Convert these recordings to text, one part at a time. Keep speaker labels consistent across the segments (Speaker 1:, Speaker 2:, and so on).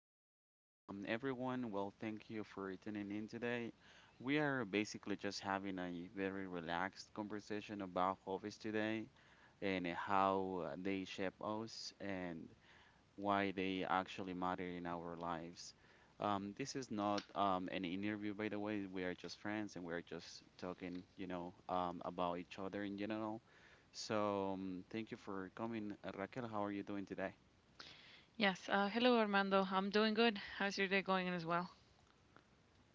Speaker 1: there, everyone. Well, thank you for tuning in today. We are basically just having a very relaxed conversation about hobbies today and how they shape us and why they actually matter in our lives. This is not an interview, by the way. We are just friends and we are just talking, you know, about each other in general. So, thank you for coming. Raquel, how are you doing today?
Speaker 2: Yes. Hello, Armando. I'm doing good. How's your day going as well?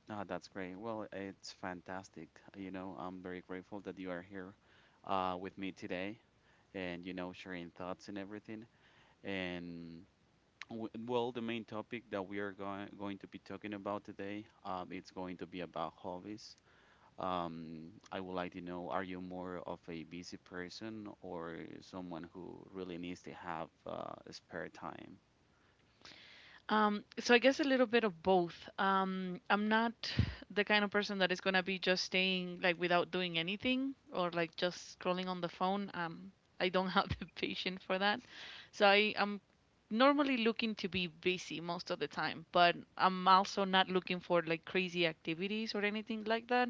Speaker 1: Ah, that's great. Well, it's fantastic. You know, I'm very grateful that you are here with me today and, you know, sharing thoughts and everything. And w well, the main topic that we are going to be talking about today, it's going to be about hobbies. I would like to know, are you more of a busy person or someone who really needs to have spare time?
Speaker 2: So I guess a little bit of both. I'm not the kind of person that is gonna be just staying like without doing anything or like just scrolling on the phone. I don't have the patience for that. So I am normally looking to be busy most of the time, but I'm also not looking for like crazy activities or anything like that.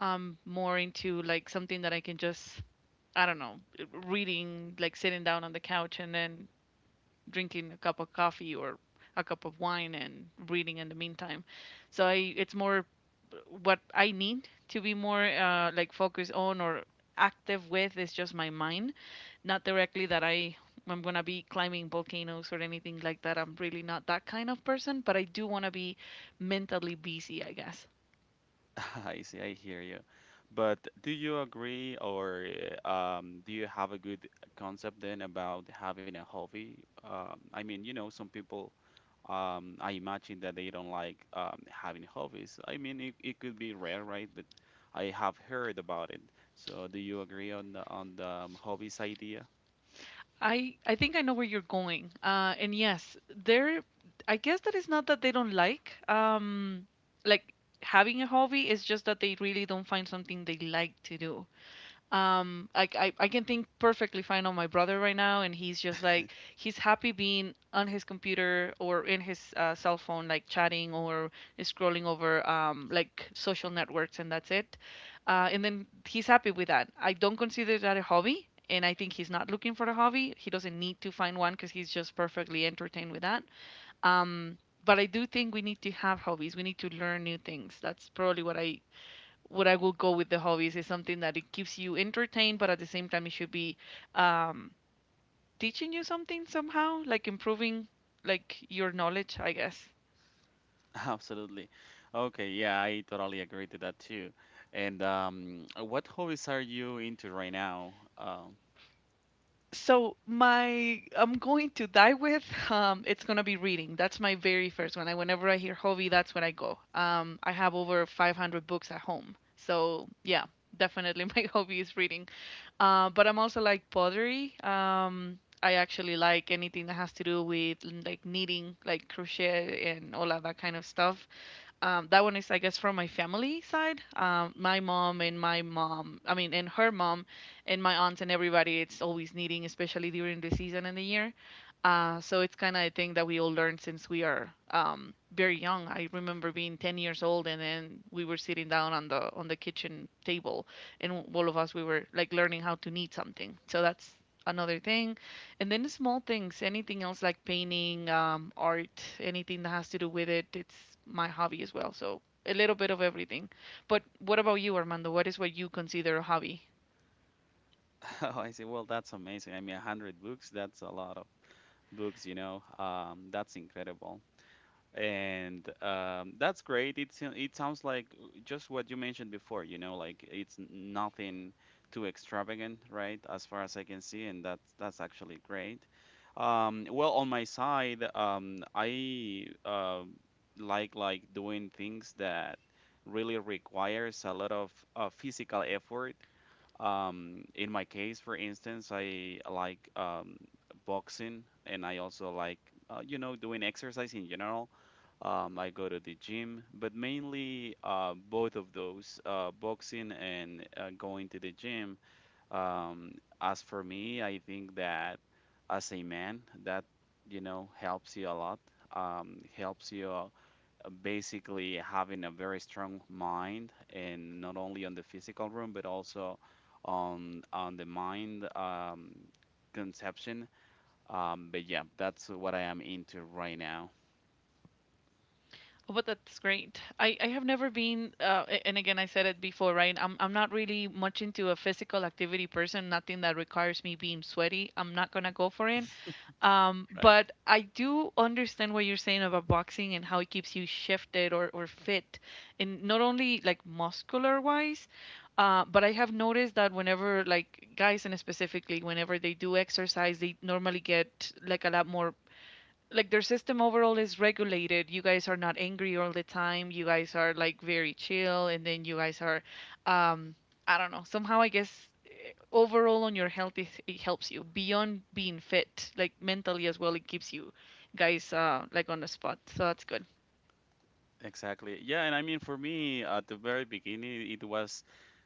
Speaker 2: I'm more into like something that I can just, I don't know, reading, like sitting down on the couch and then drinking a cup of coffee or a cup of wine and reading in the meantime. So it's more what I need to be more like focused on or active with is just my mind, not directly that I'm gonna be climbing volcanoes or anything like that. I'm really not that kind of person, but I do want to be mentally busy, I guess.
Speaker 1: I see, I hear you. But do you agree or uh, do you have a good concept then about having a hobby? I mean, you know, some people, I imagine that they don't like having hobbies. I mean, it could be rare, right? But I have heard about it. So do you agree on the hobbies idea?
Speaker 2: I think I know where you're going. And yes, there. I guess that it's not that they don't like having a hobby. It's just that they really don't find something they like to do. I can think perfectly fine on my brother right now, and he's just like he's happy being on his computer or in his cell phone, like chatting or scrolling over like social networks, and that's it. And then he's happy with that. I don't consider that a hobby, and I think he's not looking for a hobby. He doesn't need to find one because he's just perfectly entertained with that. Um, but I do think we need to have hobbies. We need to learn new things. That's probably what I will go with. The hobbies is something that it keeps you entertained, but at the same time it should be um, teaching you something somehow, like improving like your knowledge, I guess.
Speaker 1: Absolutely. Okay, yeah, I totally agree to that too. And what hobbies are you into right now?
Speaker 2: So my I'm going to die with it's gonna be reading. That's my very first one. I whenever I hear hobby, that's when I go. I have over 500 books at home. So yeah, definitely my hobby is reading. But I'm also like pottery. I actually like anything that has to do with like knitting, like crochet and all of that kind of stuff. That one is, I guess, from my family side. My mom, I mean, and her mom, and my aunt and everybody. It's always needing, especially during the season and the year. So it's kind of a thing that we all learned since we are very young. I remember being 10 years old, and then we were sitting down on the kitchen table, and all of us we were like learning how to knead something. So that's another thing. And then the small things, anything else like painting, art, anything that has to do with it, it's my hobby as well. So a little bit of everything. But what about you, Armando? What is what you consider a hobby?
Speaker 1: Oh, I see. Well, that's amazing. I mean, 100 books, that's a lot of books, you know. That's incredible. And that's great. It sounds like just what you mentioned before, you know, like it's nothing too extravagant, right? As far as I can see, and that's actually great. Well, on my side, I like doing things that really requires a lot of physical effort in my case, for instance, I like boxing and I also like, you know, doing exercise in general. I go to the gym, but mainly both of those, boxing and going to the gym. Um, as for me, I think that as a man, that, you know, helps you a lot. Helps you basically having a very strong mind and not only on the physical room but also on the mind conception but yeah, that's what I am into right now.
Speaker 2: Oh, but that's great. I have never been, and again, I said it before, right? I'm not really much into a physical activity person, nothing that requires me being sweaty. I'm not gonna go for it.
Speaker 1: Right,
Speaker 2: But I do understand what you're saying about boxing and how it keeps you shifted or fit, and not only like muscular wise, but I have noticed that whenever like guys and specifically whenever they do exercise, they normally get like a lot more like their system overall is regulated. You guys are not angry all the time. You guys are like very chill, and then you guys are, um, I don't know. Somehow, I guess overall on your health, it helps you beyond being fit, like mentally as well. It keeps you guys like on the spot, so that's good.
Speaker 1: exactly, yeah. And I mean, for me at the very beginning, it was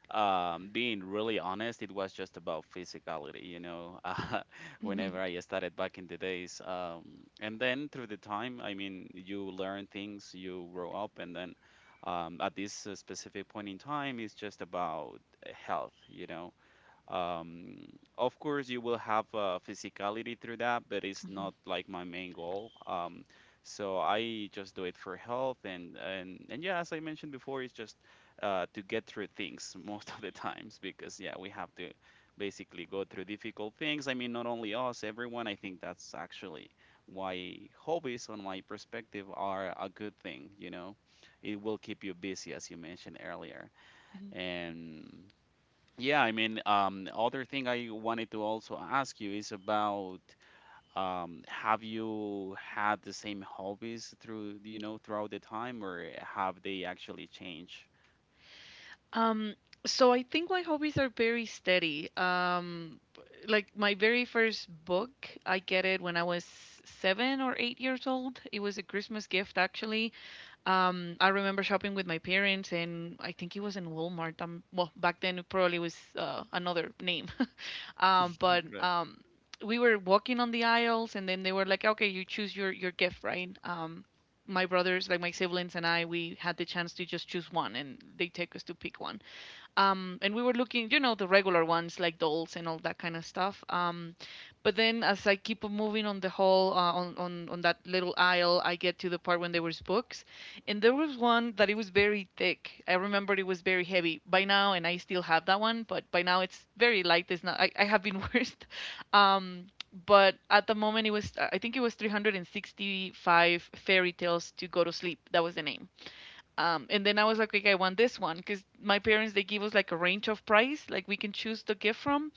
Speaker 1: being really honest, it was just about physicality, you know, whenever I started back in the days. And then through the time, I mean, you learn things, you grow up, and then at this specific point in time, it's just about health, you know. Um, of course, you will have physicality through that, but it's not like my main goal. So I just do it for health and yeah, as I mentioned before, it's just to get through things most of the times because yeah, we have to basically go through difficult things. I mean, not only us, everyone. I think that's actually why hobbies, on my perspective, are a good thing. You know, it will keep you busy, as you mentioned earlier, and yeah, I mean, other thing I wanted to also ask you is about have you had the same hobbies through, you know, throughout the time, or have they actually changed?
Speaker 2: Um, so I think my hobbies are very steady. Like my very first book, I get it when I was 7 or 8 years old. It was a Christmas gift, actually. I remember shopping with my parents, and I think it was in Walmart. Well, back then it probably was another name. But we were walking on the aisles, and then they were like, "Okay, you choose your gift, right?" My brothers, like my siblings and I, we had the chance to just choose one, and they take us to pick one. And we were looking, you know, the regular ones like dolls and all that kind of stuff. But then as I keep moving on the hall, on that little aisle, I get to the part when there was books. And there was one that it was very thick. I remember it was very heavy by now, and I still have that one, but by now it's very light. It's not, I have been worse. Um, but at the moment it was, I think it was 365 fairy tales to go to sleep. That was the name, and then I was like, okay, I want this one because my parents they give us like a range of price, like we can choose the gift from.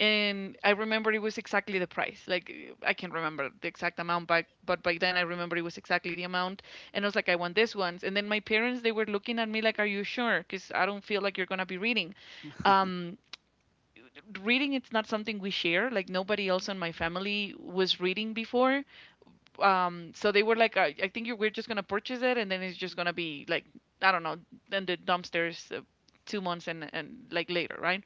Speaker 2: And I remember it was exactly the price. Like I can't remember the exact amount, but by then I remember it was exactly the amount. And I was like, I want this one. And then my parents they were looking at me like, are you sure? Because I don't feel like you're gonna be reading.
Speaker 1: Right.
Speaker 2: Um, reading it's not something we share, like nobody else in my family was reading before, so they were like, I think you we're just gonna purchase it and then it's just gonna be like, I don't know, in the dumpsters 2 months and like later, right?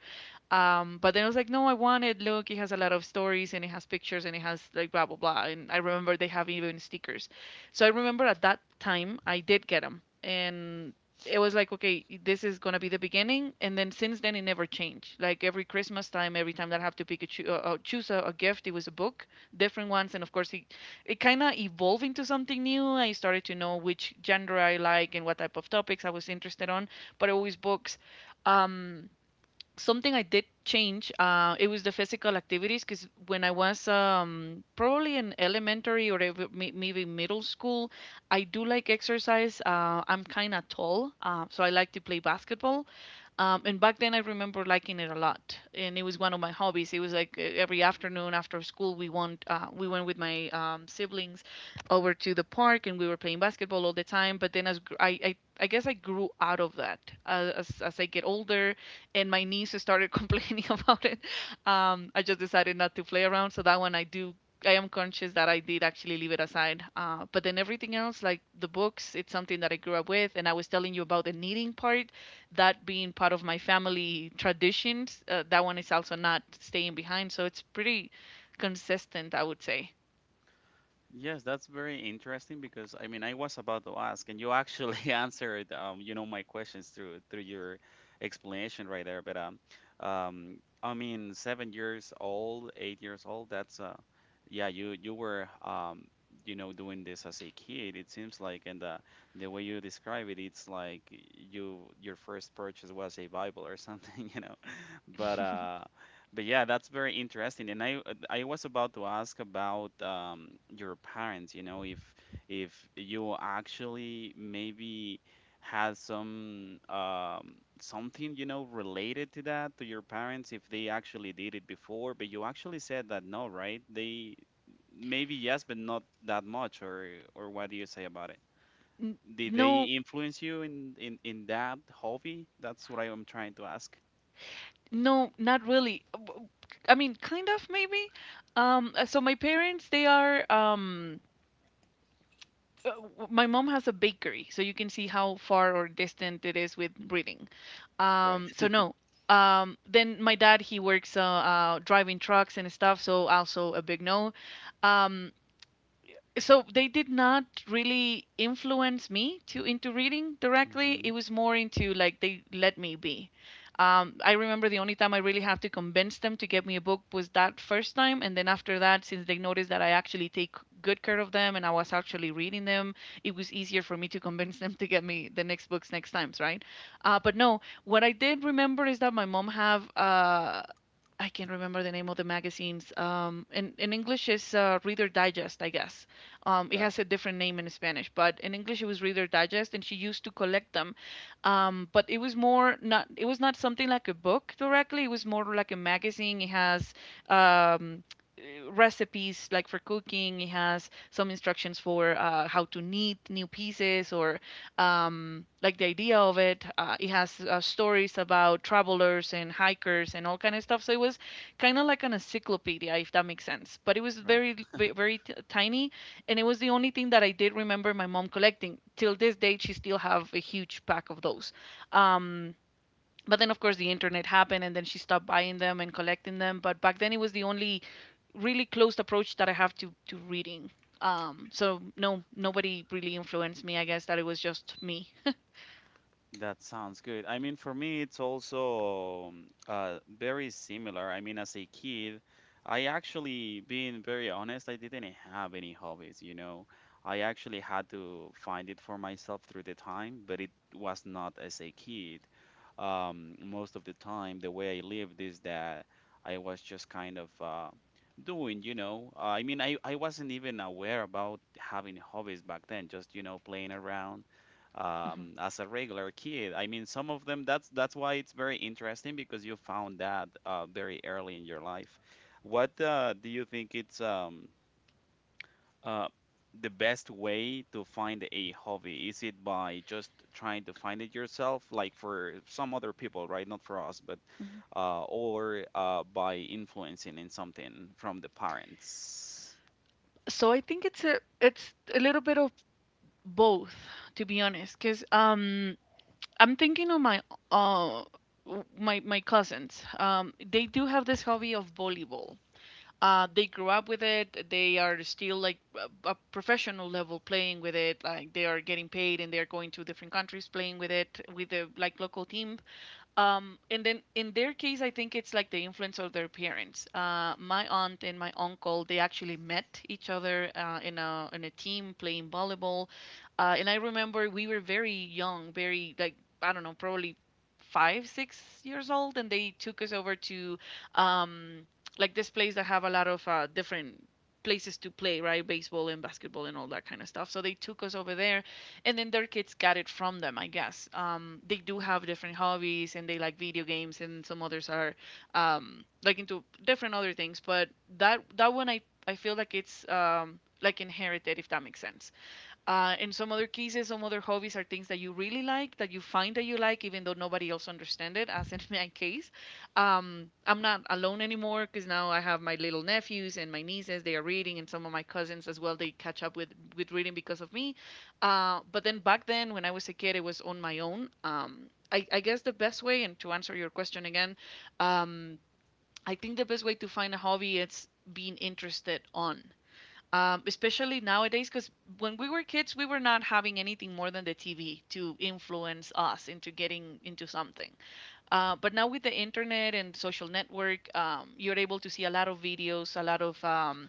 Speaker 2: Um, but then I was like, no, I want it. Look, it has a lot of stories and it has pictures and it has like blah blah blah, and I remember they have even stickers. So I remember at that time I did get them and it was like, okay, this is gonna be the beginning. And then since then it never changed. Like every Christmas time, every time that I have to pick a choose a gift, it was a book, different ones, and of course it it kind of evolved into something new. I started to know which genre I like and what type of topics I was interested on, but always books. Um, something I did change, it was the physical activities because when I was probably in elementary or maybe middle school, I do like exercise. I'm kind of tall, so I like to play basketball. And back then, I remember liking it a lot, and it was one of my hobbies. It was like every afternoon after school, we went with my siblings over to the park, and we were playing basketball all the time. But then, as I guess I grew out of that. As I get older and my niece started complaining about it. I just decided not to play around. So that one I do. I am conscious that I did actually leave it aside. But then everything else, like the books, it's something that I grew up with. And I was telling you about the knitting part, that being part of my family traditions. That one is also not staying behind. So it's pretty consistent, I would say.
Speaker 1: Yes, that's very interesting because I mean I was about to ask, and you actually answered you know my questions through your explanation right there. But um I mean 7 years old, 8 years old. That's yeah, you were you know doing this as a kid. It seems like, and the way you describe it, it's like your first purchase was a Bible or something, you know. But yeah, that's very interesting, and I was about to ask about your parents, you know, if you actually maybe had some something, you know, related to that to your parents, if they actually did it before, but you actually said that no, right? They maybe yes, but not that much, or what do you say about it?
Speaker 2: N-
Speaker 1: Did they
Speaker 2: no,
Speaker 1: influence you in that hobby? That's what I am trying to ask.
Speaker 2: no, not really. I mean, kind of maybe. So my parents, they are. My mom has a bakery, so you can see how far or distant it is with reading.
Speaker 1: Right.
Speaker 2: So no. Then my dad, he works driving trucks and stuff, so also a big no. Um, so they did not really influence me to into reading directly.
Speaker 1: Hmm.
Speaker 2: It was more into like they let me be. I remember the only time I really have to convince them to get me a book was that first time, and then after that, since they noticed that I actually take good care of them and I was actually reading them, it was easier for me to convince them to get me the next books, next times, right? Uh, but no, what I did remember is that my mom have I can't remember the name of the magazines. In English, it's Reader Digest, I guess. It
Speaker 1: Right.
Speaker 2: has a different name in Spanish, but in English, it was Reader Digest, and she used to collect them. But it was more not, it was not something like a book directly. It was more like a magazine. It has um, recipes, like, for cooking. It has some instructions for how to knit new pieces, or like, the idea of it. It has stories about travelers and hikers and all kind of stuff. So it was kind of like an encyclopedia, if that makes sense. But it was very, very, tiny, and it was the only thing that I did remember my mom collecting. Till this day, she still have a huge pack of those. Um, but then, of course, the internet happened, and then she stopped buying them and collecting them. But back then, it was the only really closed approach that I have to reading. So no, nobody really influenced me. I guess that it was just me.
Speaker 1: That sounds good. I mean, for me, it's also very similar. I mean, as a kid, I actually, being very honest, I didn't have any hobbies, you know. I actually had to find it for myself through the time, but it was not as a kid. Most of the time, the way I lived is that I was just kind of doing, you know. I mean, I wasn't even aware about having hobbies back then, just, you know, playing around
Speaker 2: Mhm,
Speaker 1: as a regular kid. I mean, some of them. That's why it's very interesting because you found that very early in your life. What do you think it's uh, the best way to find a hobby? Is it by just trying to find it yourself, like for some other people, right? Not for us, but
Speaker 2: mhm.
Speaker 1: or by influencing in something from the parents,
Speaker 2: So I think it's a little bit of both, to be honest, because I'm thinking of my uh my cousins. They do have this hobby of volleyball. They grew up with it. They are still like a professional level playing with it. Like, they are getting paid, and they are going to different countries playing with it, with the, like, local team. And then in their case, I think it's like the influence of their parents. My aunt and my uncle, they actually met each other in a team playing volleyball. And I remember we were very young, very, like, I don't know, probably 5, 6 years old, and they took us over to um, like this place that have a lot of different places to play, right? Baseball and basketball and all that kind of stuff. So they took us over there, and then their kids got it from them, I guess. They do have different hobbies, and they like video games, and some others are, like, into different other things. But that one, I feel like it's, like, inherited, if that makes sense. In some other cases, some other hobbies are things that you really like, that you find that you like, even though nobody else understands it, as in my case. I'm not alone anymore, because now I have my little nephews and my nieces. They are reading, and some of my cousins as well. They catch up with, reading because of me. But then, back then, when I was a kid, it was on my own. I guess the best way, and to answer your question again, um, I think the best way to find a hobby is being interested on, especially nowadays, because when we were kids we were not having anything more than the TV to influence us into getting into something. But now, with the internet and social network, you're able to see a lot of videos, a lot of,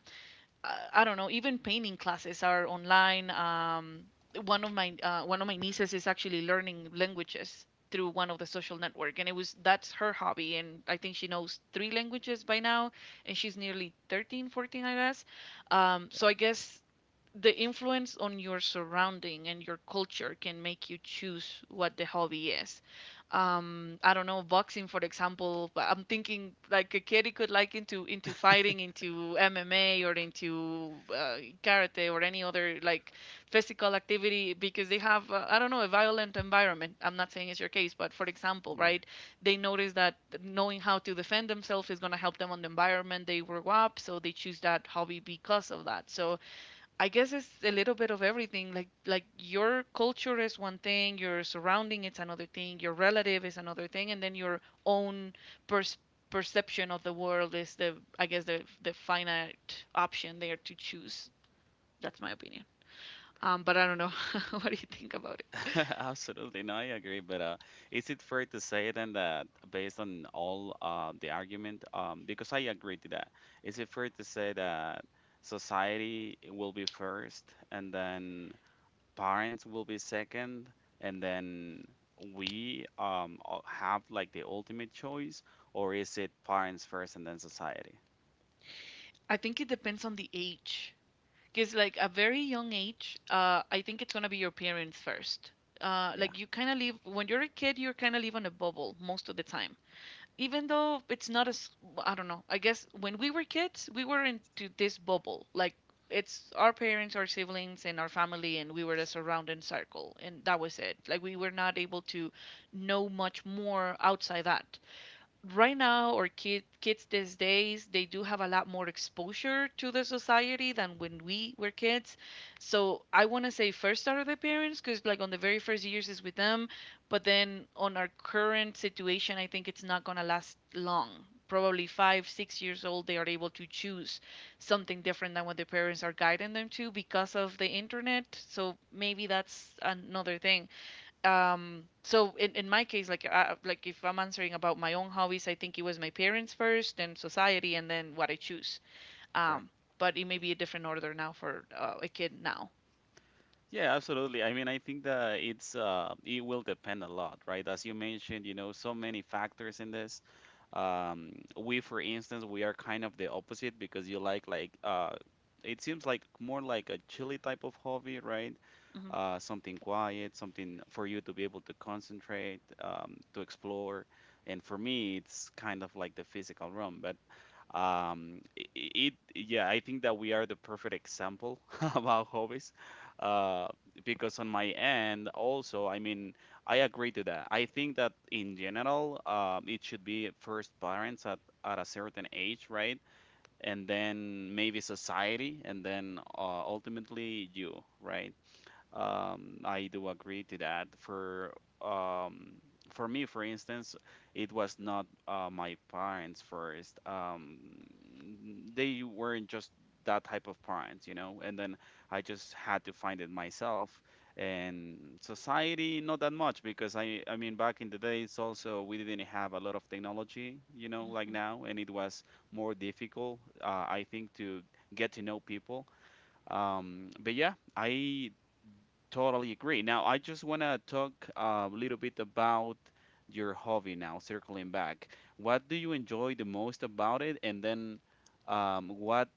Speaker 2: I don't know. Even painting classes are online. One of my nieces is actually learning languages through one of the social network, and it was that's her hobby. And I think she knows three languages by now, and she's nearly 13, 14, I guess. So I guess the influence on your surrounding and your culture can make you choose what the hobby is. I don't know, boxing, for example. But I'm thinking, like, a kid, he could like into fighting, into MMA, or into karate, or any other, like, physical activity, because they have, I don't know, a violent environment. I'm not saying it's your case, but for example,
Speaker 1: right?
Speaker 2: right? They notice that knowing how to defend themselves is going to help them on the environment they grow up, so they choose that hobby because of that. So I guess it's a little bit of everything. Like your culture is one thing, your surrounding is another thing, your relative is another thing, and then your own pers- perception of the world is the I guess the finite option there to choose. That's my opinion. But I don't know. What do you think about it?
Speaker 1: Absolutely, no, I agree. But is it fair to say then that based on all the argument, because I agree to that, is it fair to say that society will be first, and then parents will be second, and then we have like the ultimate choice, or is it parents first and then society?
Speaker 2: I think it depends on the age. Because, like, a very young age, I think it's gonna be your parents first.
Speaker 1: Yeah,
Speaker 2: Like you kind of live When you're a kid, you're kind of live on a bubble most of the time, even though it's not, as I don't know. I guess when we were kids, we were into this bubble. Like, it's our parents, our siblings, and our family, and we were the surrounding circle, and that was it. Like, we were not able to know much more outside that. Right now, or kids these days, they do have a lot more exposure to the society than when we were kids. So I want to say, first, start with the parents, because, like, on the very first years is with them. But then on our current situation, I think it's not going to last long. Probably 5 6 years old, they are able to choose something different than what their parents are guiding them to because of the internet. So maybe that's another thing. So in my case, like I, like if I'm answering about my own hobbies, I think it was my parents first, then society, and then what I choose. Um but it may be a different order now for a kid now.
Speaker 1: yeah, absolutely. I mean, I think that it's it will depend a lot, right? As you mentioned, you know, so many factors in this. Um, we, for instance, we are kind of the opposite because you it seems like more like a chilly type of hobby, right?
Speaker 2: Hmm,
Speaker 1: Something quiet, something for you to be able to concentrate, to explore. And for me, it's kind of like the physical realm, but it, yeah, I think that we are the perfect example about hobbies uh because on my end also, I mean, I agree to that. I think that in general, it should be first parents at a certain age, right? And then maybe society and then ultimately you, right? I do agree to that. Um, for me, for instance, it was not my parents first. They weren't just that type of parents, you know. And then I just had to find it myself. And society, not that much, because I mean, back in the days, also we didn't have a lot of technology, you know, like
Speaker 2: hmm,
Speaker 1: now, and it was more difficult, I think, to get to know people. But yeah, I totally agree. Now, I just want to talk a little bit about your hobby now, circling back. What do you enjoy the most about it? And then, what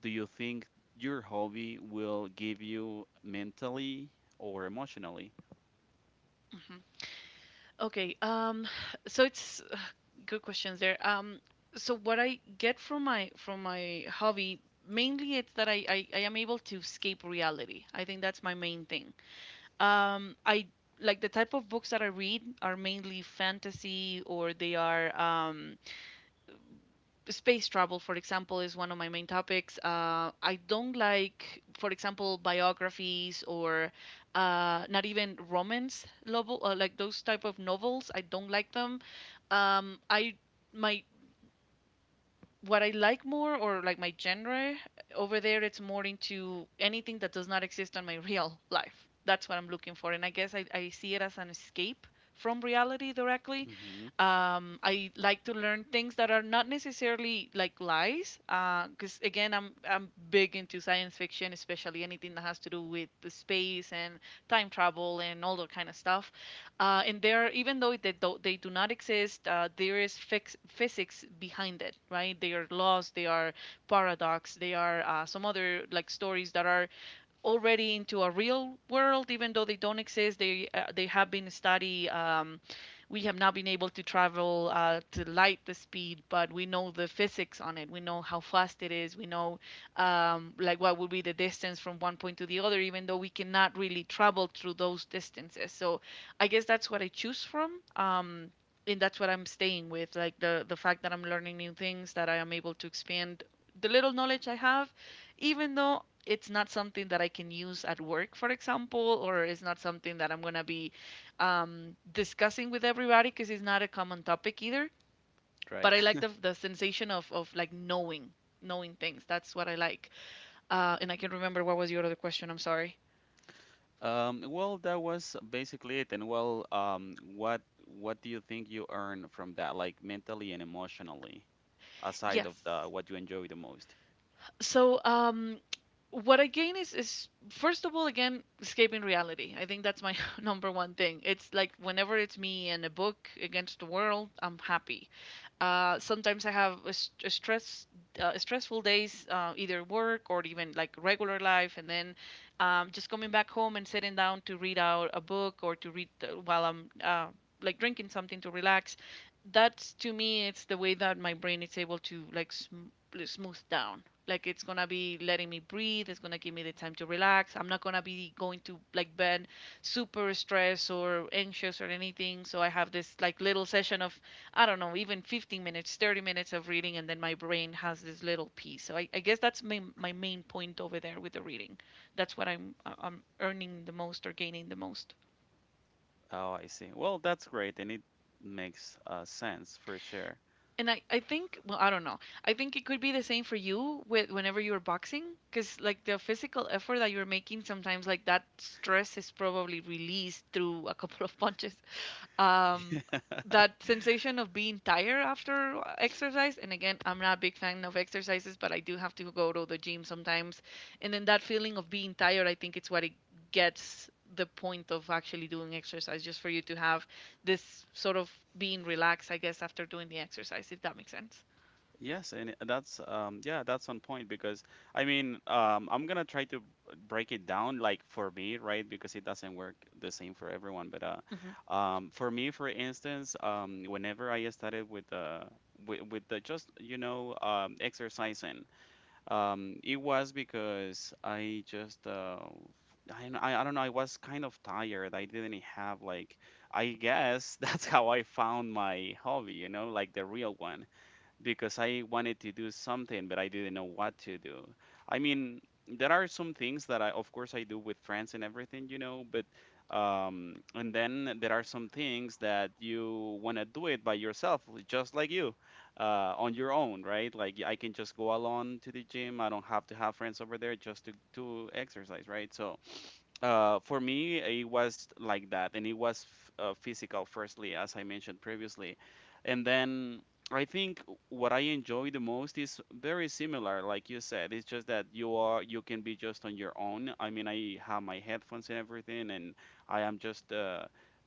Speaker 1: do you think your hobby will give you mentally or emotionally?
Speaker 2: hmm. Okay. So it's good questions there. So what I get from my hobby, mainly, it's that I am able to escape reality. I think that's my main thing. I like the type of books that I read are mainly fantasy, or they are, space travel, for example, is one of my main topics. I don't like, for example, biographies or, not even romance novel, like those type of novels. I don't like them. I my, what I like more, or, like, my genre over there, it's more into anything that does not exist on my real life. That's what I'm looking for. And I guess I see it as an escape from reality directly.
Speaker 1: Hmm.
Speaker 2: I like to learn things that are not necessarily, like, lies, because again, I'm big into science fiction, especially anything that has to do with the space and time travel and all that kind of stuff. And there, even though they do not exist, there is physics behind it, right? They are laws, they are paradox, they are, some other, like, stories that are already into a real world, even though they don't exist. They have been studied. We have not been able to travel, to light the speed, but we know the physics on it. We know how fast it is. We know, like, what would be the distance from one point to the other, even though we cannot really travel through those distances. So I guess that's what I choose from. And that's what I'm staying with, like the fact that I'm learning new things, that I am able to expand the little knowledge I have, even though it's not something that I can use at work, for example, or it's not something that I'm going to be, discussing with everybody, because it's not a common topic either. But
Speaker 1: Right.
Speaker 2: I like the sensation of like, knowing things. That's what I like. And I can remember what was your other question. I'm sorry.
Speaker 1: Well, that was basically it. And well, what do you think you earn from that, like mentally and emotionally, aside of the
Speaker 2: Yes.
Speaker 1: what you enjoy the most?
Speaker 2: So, what I gain is, first of all, again, escaping reality. I think that's my number one thing. It's like whenever it's me and a book against the world, I'm happy. Sometimes I have a, stressful days, either work or even like regular life, and then, just coming back home and sitting down to read out a book or to read, while I'm, like, drinking something to relax. That's to me, it's the way that my brain is able to like like, smooth down. Like it's gonna be letting me breathe, it's gonna give me the time to relax. I'm not gonna be going to like bed super stressed or anxious or anything. So I have this like little session of I don't know, even 15 minutes, 30 minutes of reading, and then my brain has this little piece. I guess that's my, my main point over there with the reading. That's what I'm I'm earning the most or gaining the most.
Speaker 1: Oh, I see. Well, that's great, and it makes sense for sure.
Speaker 2: And I think, well, I don't know, I think it could be the same for you with whenever you're boxing, because like the physical effort that you're making sometimes, like that stress is probably released through a couple of punches. um that sensation of being tired after exercise, and again, I'm not a big fan of exercises, but I do have to go to the gym sometimes, and then that feeling of being tired, I think it's what it gets the point of actually doing exercise, just for you to have this sort of being relaxed, I guess, after doing the exercise, if that makes sense.
Speaker 1: Yes, and that's yeah, that's on point because I mean, I'm gonna try to break it down like for me, right? Because it doesn't work the same for everyone. But
Speaker 2: hmm
Speaker 1: for me, for instance, whenever I started with the just you know exercising it was because I just I, I don't know. I was kind of tired. I didn't have like I guess that's how I found my hobby. You know, like the real one because I wanted to do something, but I didn't know what to do. I mean, there are some things that I, of course, I do with friends and everything, you know, but and then there are some things that you want to do it by yourself, just like you, on your own, right? Like I can just go alone to the gym. I don't have to have friends over there just to exercise, right? So for me, it was like that, and it was physical firstly, as I mentioned previously, and then I think what I enjoy the most is very similar, like you said. It's just that you can be just on your own. I mean, I have my headphones and everything, and I am just uh,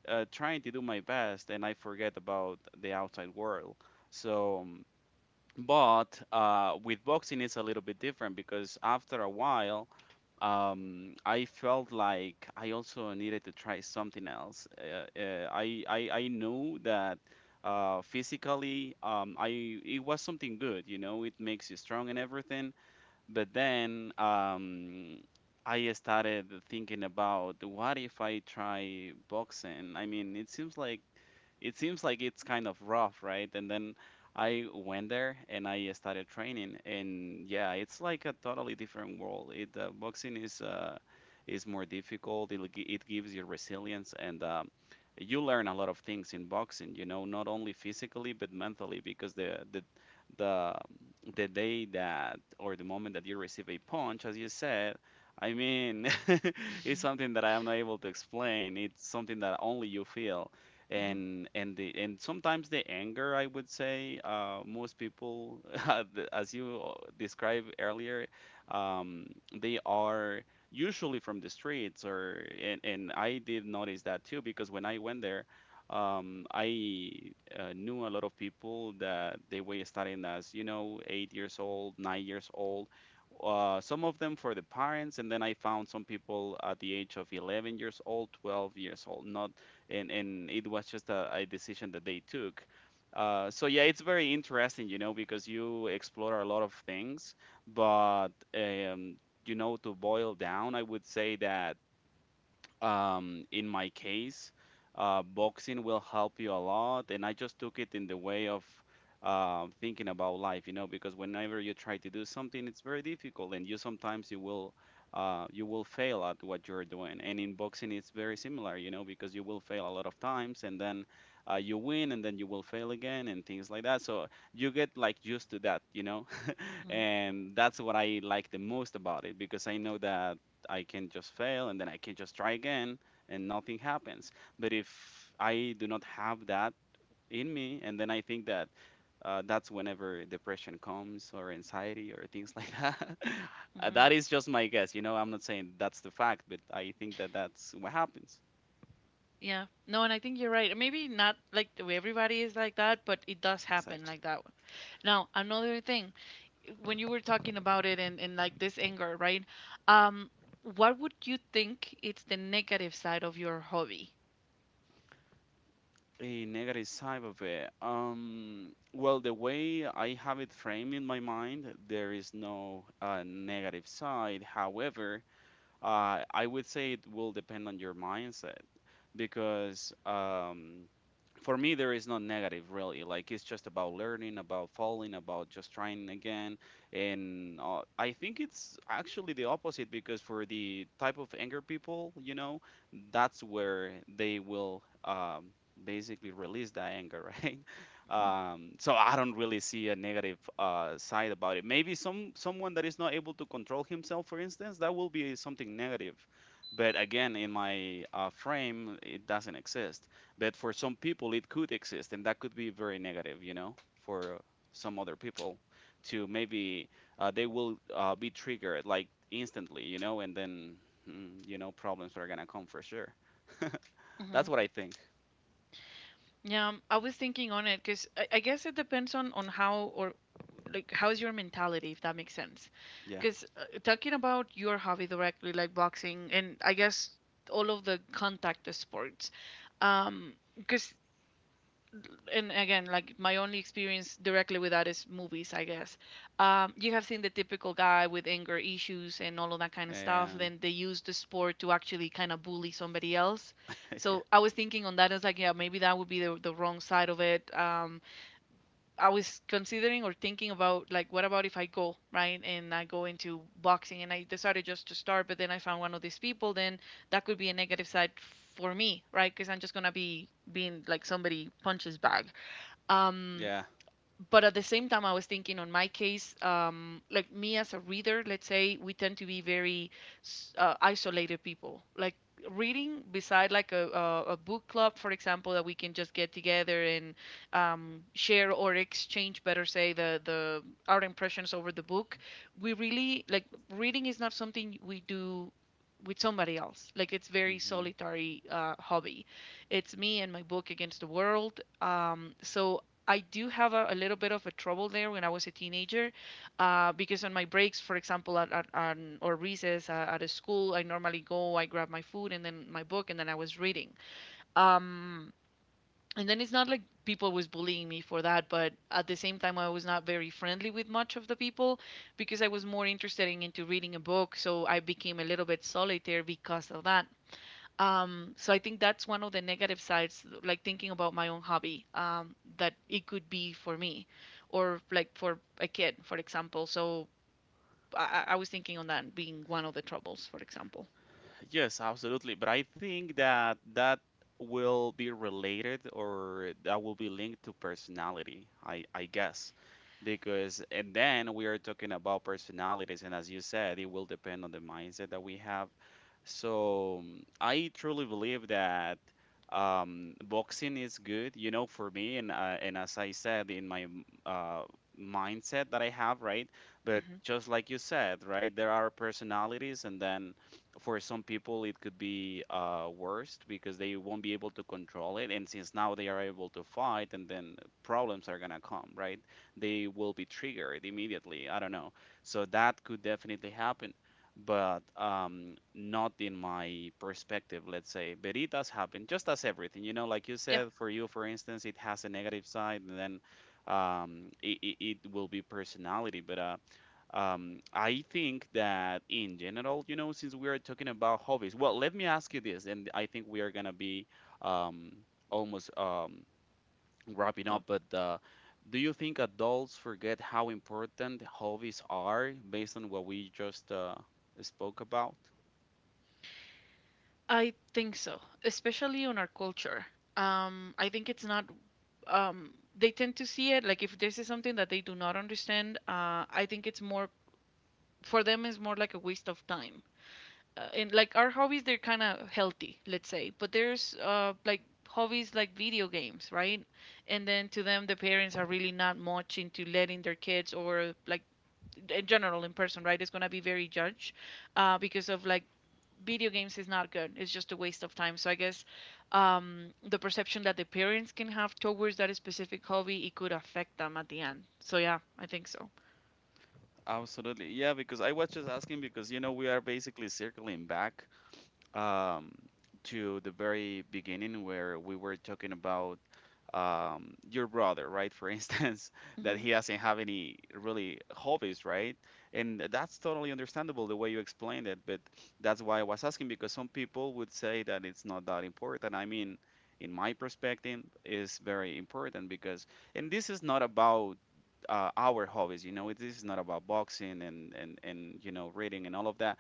Speaker 1: uh, trying to do my best, and I forget about the outside world. So, but with boxing it's a little bit different because after a while I felt like I also needed to try something else I knew that physically I it was something good, it makes you strong and everything. But then I started thinking about, what if I try boxing? I mean, it seems like it's kind of rough, right? And then I went there and I started training, and yeah, it's like a totally different world. It Boxing is more difficult. It gives you resilience, and you learn a lot of things in boxing. You know, not only physically but mentally, because the the day that or the moment that you receive a punch, as you said, I mean, it's
Speaker 2: hmm
Speaker 1: something that I am not able to explain. It's something that only you feel, and sometimes the anger, I would say, most people, as you described earlier, um, they are usually from the streets, or and I did notice that too, because when I went there. I knew a lot of people that they were starting as you know 8 years old, 9 years old. Some of them for the parents, and then I found some people at the age of 11 years old, 12 years old. Not, and it was just a decision that they took. So yeah, it's very interesting, you know, because you explore a lot of things, but to boil down, I would say that in my case, boxing will help you a lot. And I just took it in the way of thinking about life, because whenever you try to do something, it's very difficult, and you sometimes you will fail at what you're doing. And in boxing, it's very similar, because you will fail a lot of times, and then you win, and then you will fail again, and things like that. So you get like used to that,
Speaker 2: hmm
Speaker 1: and that's what I like the most about it, because I know that I can just fail and then I can just try again and nothing happens. But if I do not have that in me, and then I think that that's whenever depression comes, or anxiety, or things like that. That
Speaker 2: hmm
Speaker 1: is just my guess. You know, I'm not saying that's the fact, but I think that that's what happens.
Speaker 2: Yeah. No, and I think you're right. Maybe not like the way everybody is like that, but it does happen
Speaker 1: Exactly.
Speaker 2: like that. Now, another thing, when you were talking about it and, like this anger, right? Um, what would you think it's the negative side of your hobby?
Speaker 1: A negative side of it. Well, the way I have it framed in my mind, there is no negative side. However, I would say it will depend on your mindset, because for me there is no negative, really. Like, it's just about learning, about falling, about just trying again. And I think it's actually the opposite, because for the type of anger people, that's where they will basically release that anger, right?
Speaker 2: Hmm.
Speaker 1: So I don't really see a negative side about it. Maybe someone that is not able to control himself, for instance, that will be something negative. But again, in my frame it doesn't exist, but for some people it could exist, and that could be very negative, for some other people. To maybe, they will be triggered like instantly, and then problems are gonna come, for sure. That's what I think.
Speaker 2: Yeah, I was thinking on it because I guess it depends on how, or like how's your mentality, if that makes sense.
Speaker 1: Yeah.
Speaker 2: Because talking about your hobby directly, like boxing, and I guess all of the contact sports, because and again, like my only experience directly with that is movies, I guess. You have seen the typical guy with anger issues and all of that kind of stuff.
Speaker 1: Yeah.
Speaker 2: Then they use the sport to actually kind of bully somebody else.
Speaker 1: Yeah,
Speaker 2: So I was thinking on that as like, yeah, maybe that would be the wrong side of it. I was considering or thinking about like, what about if I go right and I go into boxing and I decided just to start, but then I found one of these people, then that could be a negative side for me, right? Because I'm just gonna be being like somebody punches bag. Um,
Speaker 1: yeah.
Speaker 2: but at the same time, I was thinking on my case, like me as a reader, let's say we tend to be very isolated people. Like reading, beside like a book club, for example, that we can just get together and share or exchange, better say, the our impressions over the book. We really like reading is not something we do with somebody else. Like it's very
Speaker 1: Mhm.
Speaker 2: solitary hobby. It's me and my book against the world. So I do have a little bit of a trouble there when I was a teenager, because on my breaks, for example, at, on- or recess at a school, I normally go, I grab my food and then my book, and then I was reading. Um, and then it's not like people was bullying me for that, but at the same time, I was not very friendly with much of the people because I was more interested in into reading a book, so I became a little bit solitary because of that. So I think that's one of the negative sides, like thinking about my own hobby, that it could be for me, or like for a kid, for example. So I was thinking on that being one of the troubles, for example.
Speaker 1: Yes, absolutely. But I think that that will be related, or that will be linked to personality, I guess. Because, and then we are talking about personalities. And as you said, it will depend on the mindset that we have. So I truly believe that boxing is good, for me. And as I said, in my mindset that I have, right? But
Speaker 2: Hmm.
Speaker 1: just like you said, right, there are personalities, and then for some people it could be worst, because they won't be able to control it, and since now they are able to fight and then problems are gonna come, right? They will be triggered immediately, I don't know, so that could definitely happen. But not in my perspective, let's say. But it does happen, just as everything, like you
Speaker 2: Yeah,
Speaker 1: said, for you, for instance, it has a negative side, and then it will be personality, but I think that in general, since we are talking about hobbies, well, let me ask you this, and I think we are gonna be um, almost wrapping
Speaker 2: so
Speaker 1: up. But do you think adults forget how important hobbies are, based on what we just spoke about?
Speaker 2: I think so, especially on our culture. I think it's not. Um, they tend to see it like if this is something that they do not understand. I think it's more for them. It's more like a waste of time, in like our hobbies, they're kind of healthy, let's say, but there's like hobbies like video games, right? And then to them, the parents are really not much into letting their kids, or like in general in person, right? It's going to be very judged, because of like video games is not good, it's just a waste of time. So I guess the perception that the parents can have towards that specific hobby, it could affect them at the end. So yeah, I think so.
Speaker 1: Absolutely. Yeah, because I was just asking, because we are basically circling back um, to the very beginning where we were talking about your brother, right? For instance, that he
Speaker 2: hmm
Speaker 1: doesn't have any really hobbies, right? And that's totally understandable the way you explained it, but that's why I was asking, because some people would say that it's not that important. I mean, in my perspective, is very important because, and this is not about our hobbies, this is not about boxing and reading and all of that,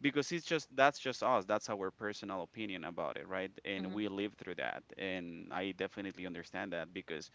Speaker 1: because it's just that's just us. That's our personal opinion about it, right? And
Speaker 2: hmm
Speaker 1: we live through that, and I definitely understand that, because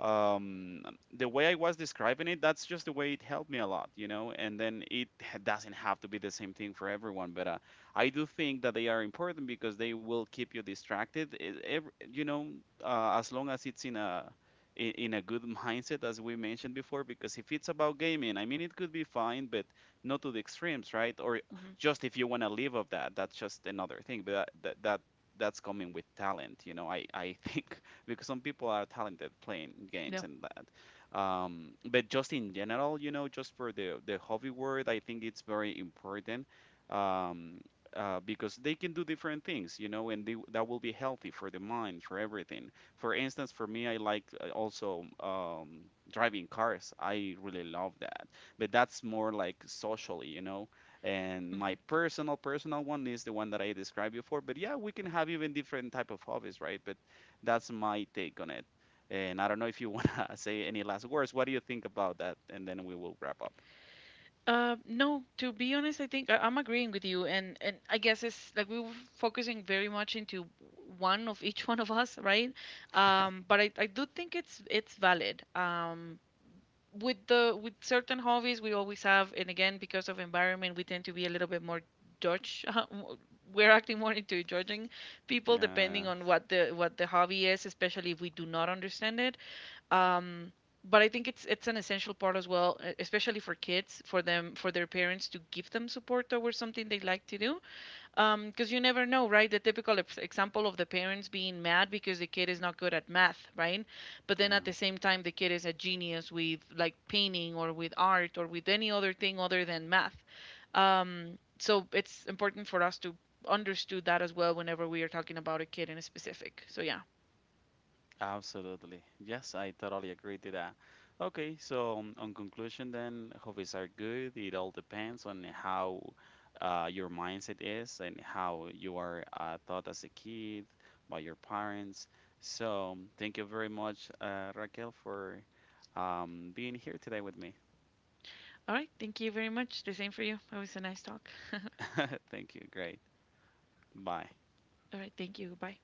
Speaker 1: um the way I was describing it, that's just the way it helped me a lot, and then it doesn't have to be the same thing for everyone. But I do think that they are important, because they will keep you distracted, as long as it's in a good mindset, as we mentioned before, because if it's about gaming, I mean, it could be fine, but not to the extremes, right? Or
Speaker 2: hmm
Speaker 1: just if you want to live of that, that's just another thing. But that's coming with talent, I think. Because some people are talented playing games
Speaker 2: yeah.
Speaker 1: and that, but just in general, just for the hobby world, I think it's very important, um because they can do different things, and they, that will be healthy for the mind, for everything. For instance, for me, I like also driving cars. I really love that, but that's more like socially, and
Speaker 2: Mm-hmm.
Speaker 1: my personal one is the one that I described before. But yeah, we can have even different type of hobbies, right? But that's my take on it. And I don't know if you want to say any last words. What do you think about that, and then we will wrap up?
Speaker 2: No, to be honest, I think I'm agreeing with you, and I guess it's like we were focusing very much into one of each one of us, right? But I do think it's valid. With the with certain hobbies we always have, and again, because of environment, we tend to be a little bit more judge, we're acting more into judging people
Speaker 1: Yeah.
Speaker 2: depending on what the hobby is, especially if we do not understand it. um, but I think it's an essential part as well, especially for kids, for them, for their parents to give them support towards something they like to do, because you never know, right? The typical example of the parents being mad because the kid is not good at math, right? But then at the same time, the kid is a genius with like painting or with art or with any other thing other than math. So it's important for us to understood that as well whenever we are talking about a kid in a specific. So yeah.
Speaker 1: Absolutely. Yes, I totally agree to that. Okay, so on conclusion then, hobbies are good. It all depends on how your mindset is, and how you are taught as a kid by your parents. So thank you very much, Raquel, for being here today with me.
Speaker 2: All right. Thank you very much. The same for you. It was a nice talk.
Speaker 1: Thank you. Great. Bye.
Speaker 2: All right. Thank you. Bye.